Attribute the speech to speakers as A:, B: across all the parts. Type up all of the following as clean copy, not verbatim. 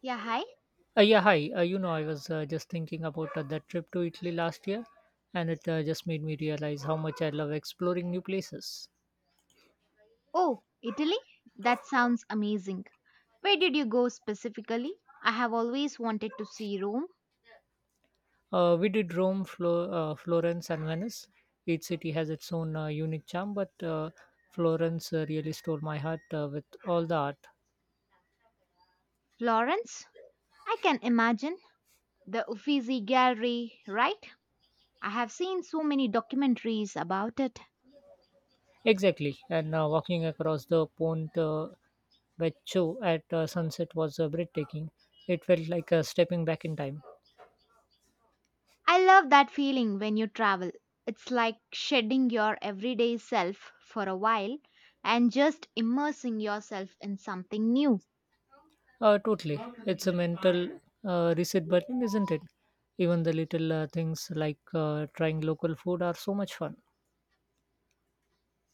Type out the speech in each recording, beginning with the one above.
A: Yeah, hi.
B: Yeah, hi. I was just thinking about that trip to Italy last year, and it just made me realize how much I love exploring new places.
A: Oh, Italy? That sounds amazing. Where did you go specifically? I have always wanted to see Rome.
B: We did Rome, Florence, and Venice. Each city has its own unique charm, but Florence really stole my heart with all the art.
A: Florence? I can imagine. The Uffizi Gallery, right? I have seen so many documentaries about it.
B: Exactly, and walking across the Ponte Vecchio at sunset was breathtaking. It felt like stepping back in time.
A: I love that feeling when you travel. It's like shedding your everyday self for a while and just immersing yourself in something new.
B: Totally. It's a mental reset button, isn't it? Even the little things like trying local food are so much fun.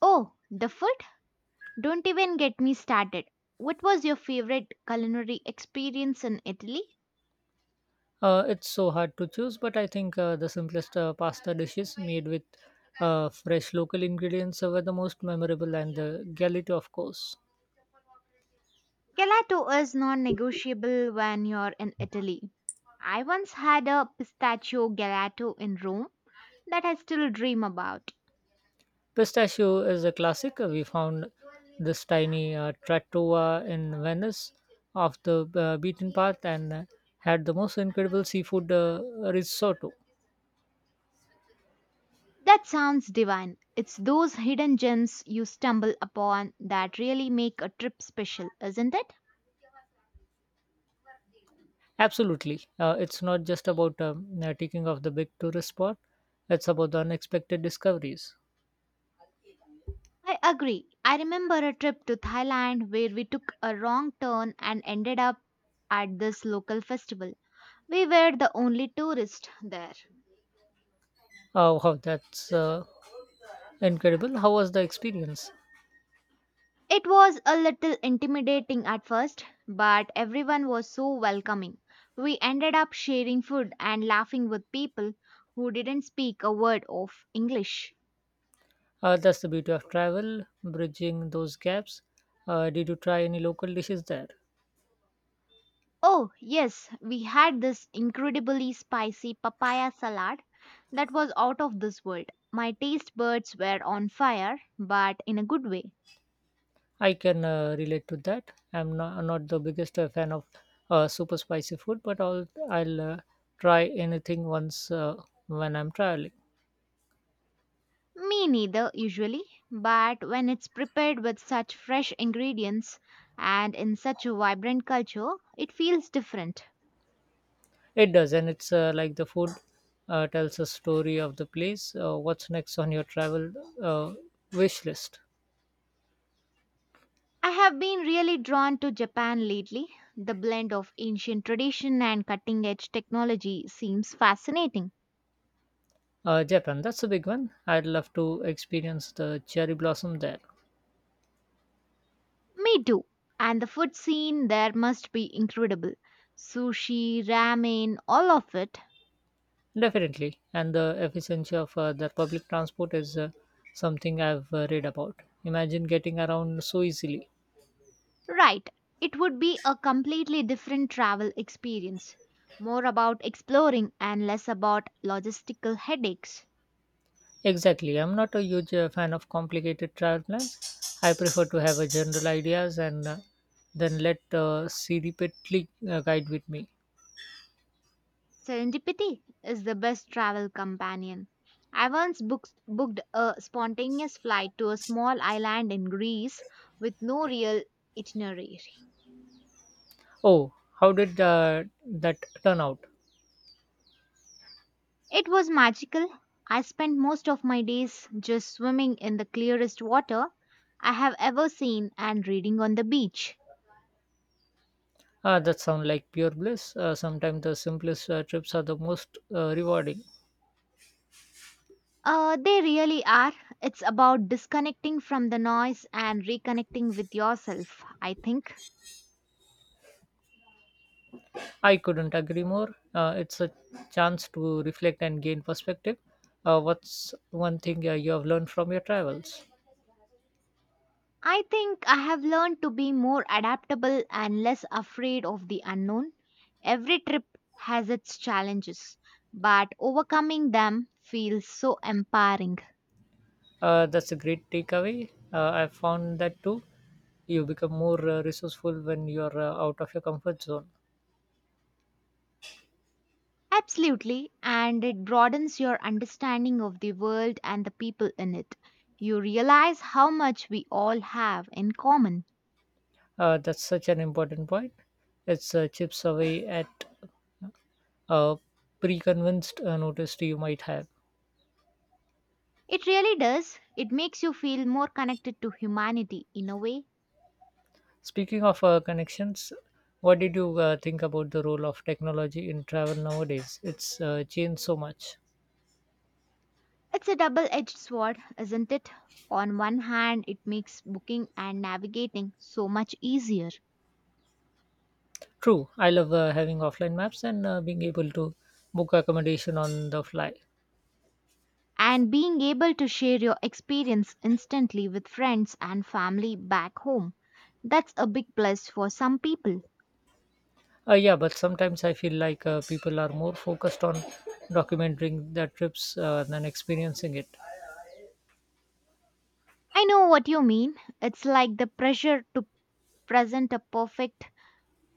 A: Oh, the food? Don't even get me started. What was your favorite culinary experience in Italy?
B: It's so hard to choose, but I think the simplest pasta dishes made with fresh local ingredients were the most memorable, and the galette, of course.
A: Gelato is non negotiable when you're in Italy. I once had a pistachio gelato in Rome that I still dream about.
B: Pistachio is a classic. We found this tiny trattoria in Venice off the beaten path and had the most incredible seafood risotto.
A: That sounds divine. It's those hidden gems you stumble upon that really make a trip special, isn't it?
B: Absolutely. It's not just about taking off the big tourist spot, it's about the unexpected discoveries.
A: I agree. I remember a trip to Thailand where we took a wrong turn and ended up at this local festival. We were the only tourists there.
B: Oh, wow, that's incredible. How was the experience?
A: It was a little intimidating at first, but everyone was so welcoming. We ended up sharing food and laughing with people who didn't speak a word of English.
B: That's the beauty of travel, bridging those gaps. Did you try any local dishes there?
A: Oh, yes, we had this incredibly spicy papaya salad that was out of this world. My taste buds were on fire, but in a good way.
B: I can relate to that. I'm not the biggest fan of super spicy food, but I'll try anything once when I'm traveling.
A: Me neither, usually, but when it's prepared with such fresh ingredients and in such a vibrant culture, it feels different.
B: It does, and it's like the food tells a story of the place. What's next on your travel uh, wish list?
A: I have been really drawn to Japan lately. The blend of ancient tradition and cutting edge technology seems fascinating.
B: Japan, that's a big one. I'd love to experience the cherry blossom there.
A: Me too. And the food scene there must be incredible. Sushi, ramen, all of it.
B: Definitely, and the efficiency of the public transport is something I've read about. Imagine getting around so easily.
A: Right. It would be a completely different travel experience, more about exploring and less about logistical headaches.
B: Exactly, I'm not a huge fan of complicated travel plans. I prefer to have a general ideas and then let serendipity guide with me.
A: Serendipity is the best travel companion. I once booked a spontaneous flight to a small island in Greece with no real itinerary.
B: Oh, how did that turn out?
A: It was magical. I spent most of my days just swimming in the clearest water I have ever seen and reading on the beach.
B: Ah, that sounds like pure bliss. Sometimes the simplest trips are the most rewarding.
A: They really are. It's about disconnecting from the noise and reconnecting with yourself, I think.
B: I couldn't agree more. It's a chance to reflect and gain perspective. What's one thing you have learned from your travels?
A: I think I have learned to be more adaptable and less afraid of the unknown. Every trip has its challenges, but overcoming them feels so empowering.
B: That's a great takeaway. I found that too. You become more resourceful when you're out of your comfort zone.
A: Absolutely, and it broadens your understanding of the world and the people in it. You realize how much we all have in common.
B: That's such an important point. It's chips away at uh, pre-convinced noticed you might have.
A: It really does. It makes you feel more connected to humanity in a way.
B: Speaking of connections, what did you think about the role of technology in travel nowadays? It's changed so much.
A: It's a double edged sword, isn't it? On one hand, it makes booking and navigating so much easier.
B: True, I love having offline maps and being able to book accommodation on the fly.
A: And being able to share your experience instantly with friends and family back home. That's a big plus for some people.
B: Yeah, but sometimes I feel like people are more focused on documenting their trips than experiencing it.
A: I know what you mean. It's like the pressure to present a perfect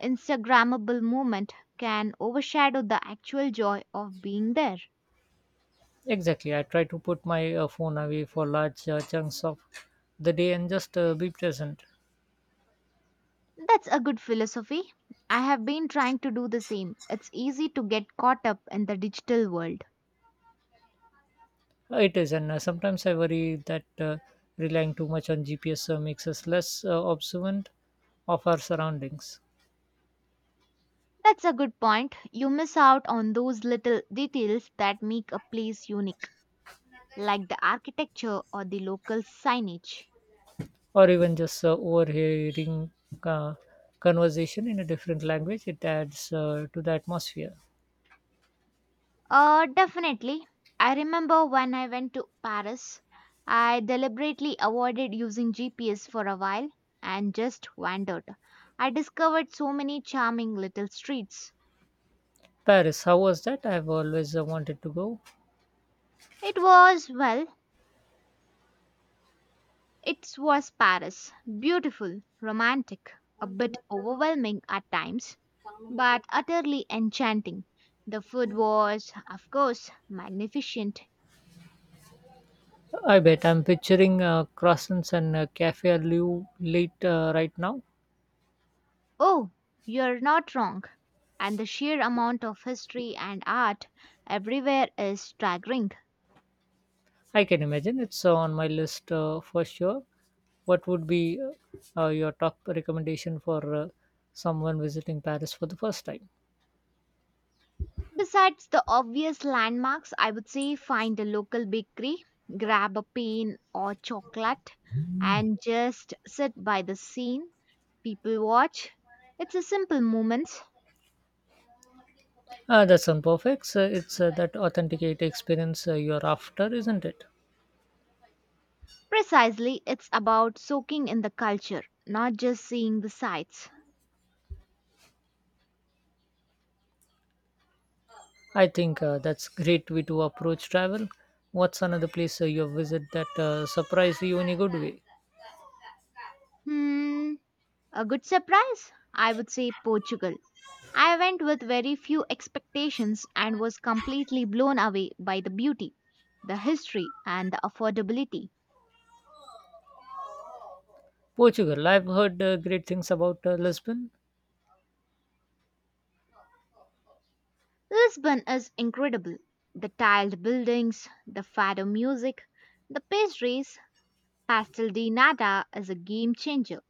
A: Instagrammable moment can overshadow the actual joy of being there.
B: Exactly, I try to put my phone away for large chunks of the day and just be present.
A: That's a good philosophy. I have been trying to do the same. It's easy to get caught up in the digital world.
B: It is, and sometimes I worry that relying too much on GPS makes us less observant of our surroundings,
A: That's a good point. You miss out on those little details that make a place unique, like the architecture or the local signage.
B: or even just overhearing uh, conversation in a different language. It adds to the atmosphere.
A: Definitely. I remember when I went to Paris, I deliberately avoided using GPS for a while and just wandered. I discovered so many charming little streets.
B: Paris, how was that? I've always wanted to go.
A: It was, well, It was Paris. Beautiful, romantic, a bit overwhelming at times, but utterly enchanting. The food was, of course, magnificent.
B: I bet I'm picturing croissants and cafe au lait right now.
A: Oh, you're not wrong. And the sheer amount of history and art everywhere is staggering.
B: I can imagine it's on my list for sure. What would be your top recommendation for someone visiting Paris for the first time?
A: Besides the obvious landmarks, I would say find a local bakery, grab a pain or chocolate, and just sit by the scene. People watch. It's a simple moment.
B: That sounds perfect. So it's that authenticate experience you're after, isn't it?
A: Precisely, it's about soaking in the culture, not just seeing the sights.
B: I think that's great way to approach travel. What's another place you visit that surprised you in a good way?
A: Hmm, a good surprise? I would say Portugal. I went with very few expectations and was completely blown away by the beauty, the history, and the affordability.
B: Portugal. I've heard great things about Lisbon.
A: Lisbon is incredible. The tiled buildings, the fado music, the pastries, pastel de nata is a game changer.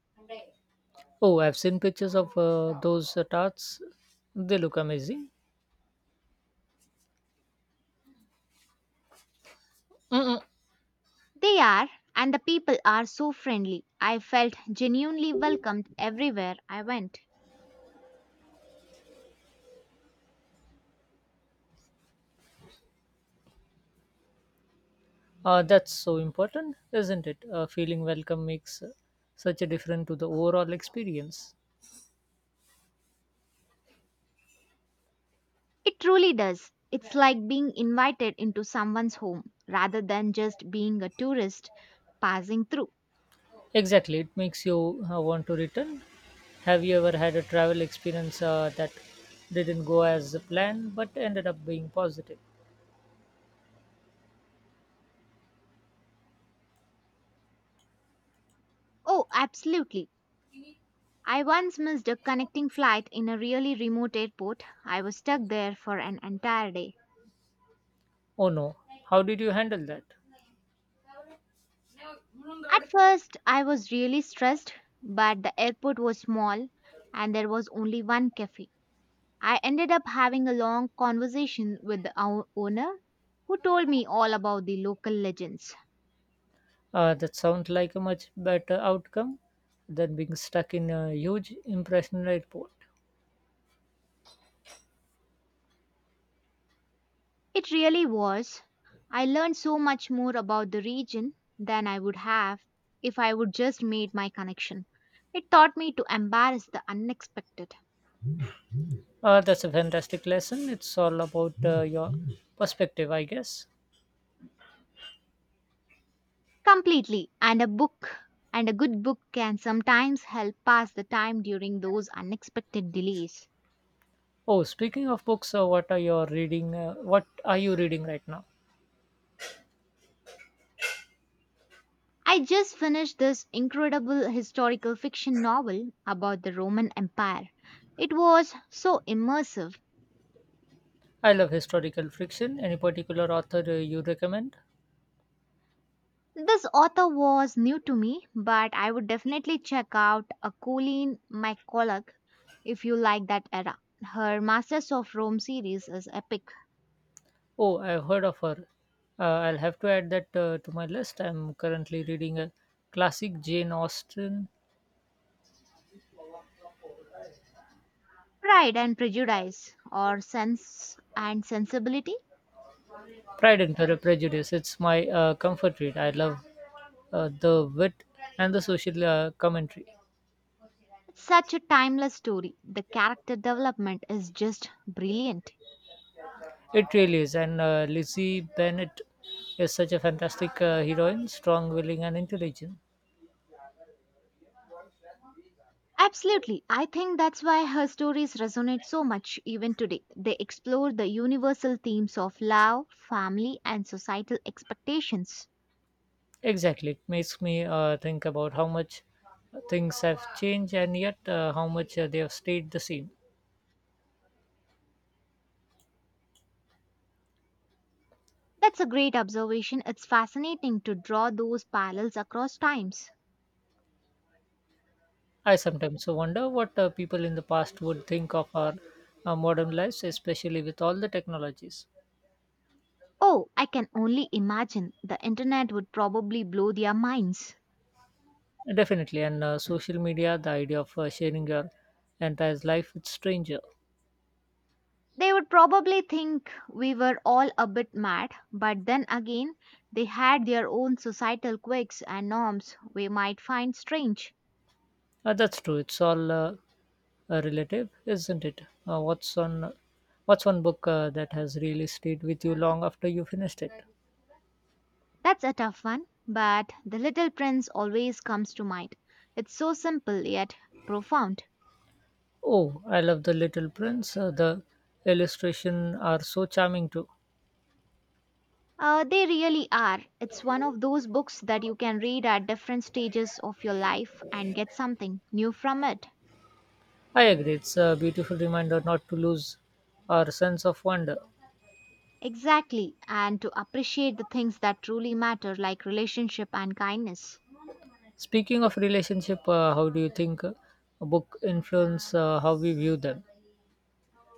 B: Oh, I've seen pictures of those tarts. They look amazing. Mm.
A: They are, and the people are so friendly. I felt genuinely welcomed everywhere I went.
B: That's so important, isn't it? Feeling welcome makes such a difference to the overall experience.
A: It truly does. It's like being invited into someone's home rather than just being a tourist passing through.
B: Exactly, it makes you want to return. Have you ever had a travel experience that didn't go as planned but ended up being positive?
A: Oh, absolutely. I once missed a connecting flight in a really remote airport. I was stuck there for an entire day.
B: Oh no, how did you handle that?
A: At first, I was really stressed, but the airport was small and there was only one cafe. I ended up having a long conversation with the owner who told me all about the local legends.
B: That sounds like a much better outcome than being stuck in a huge impression airport.
A: It really was. I learned so much more about the region than I would have if I would just made my connection. It taught me to embrace the unexpected.
B: That's a fantastic lesson. It's all about your perspective, I guess.
A: Completely. And a good book can sometimes help pass the time during those unexpected delays.
B: Oh, speaking of books, what are you reading right now?
A: I just finished this incredible historical fiction novel about the Roman Empire. It was so immersive.
B: I love historical fiction. Any particular author you recommend?
A: This author was new to me, but I would definitely check out a Colleen McCulloch if you like that era. Her Masters of Rome series is epic.
B: Oh, I've heard of her. I'll have to add that to my list. I'm currently reading a classic Jane Austen,
A: Pride and Prejudice or Sense and Sensibility?
B: Pride and Prejudice. It's my comfort read. I love the wit and the social commentary.
A: Such a timeless story. The character development is just brilliant.
B: It really is. And Lizzie Bennett is such a fantastic heroine, strong, willing, and intelligent.
A: Absolutely. I think that's why her stories resonate so much even today. They explore the universal themes of love, family, and societal expectations.
B: Exactly. It makes me think about how much things have changed and yet how much they have stayed the same.
A: That's a great observation. It's fascinating to draw those parallels across times.
B: I sometimes wonder what people in the past would think of our modern lives, especially with all the technologies.
A: Oh, I can only imagine the internet would probably blow their minds.
B: Definitely. And social media, the idea of sharing your entire life with stranger.
A: They would probably think we were all a bit mad, but then again, they had their own societal quirks and norms we might find strange.
B: That's true. It's all relative, isn't it? Uh, what's on What's one book that has really stayed with you long after you finished it?
A: That's a tough one, but The Little Prince always comes to mind. It's so simple yet profound.
B: Oh, I love The Little Prince. The illustrations are so charming too.
A: They really are. It's one of those books that you can read at different stages of your life and get something new from it.
B: I agree, it's a beautiful reminder not to lose our sense of wonder.
A: Exactly, and to appreciate the things that truly matter, like relationship and kindness.
B: Speaking of relationship, how do you think book influence how we view them?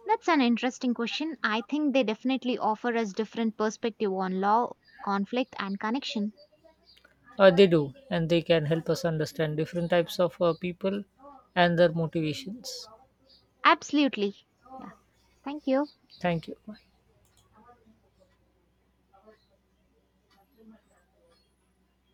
A: That's an interesting question. I think they definitely offer us different perspective on law, conflict and connection.
B: They do, and they can help us understand different types of people and their motivations.
A: Absolutely. Yeah. Thank you.
B: Thank you. Bye.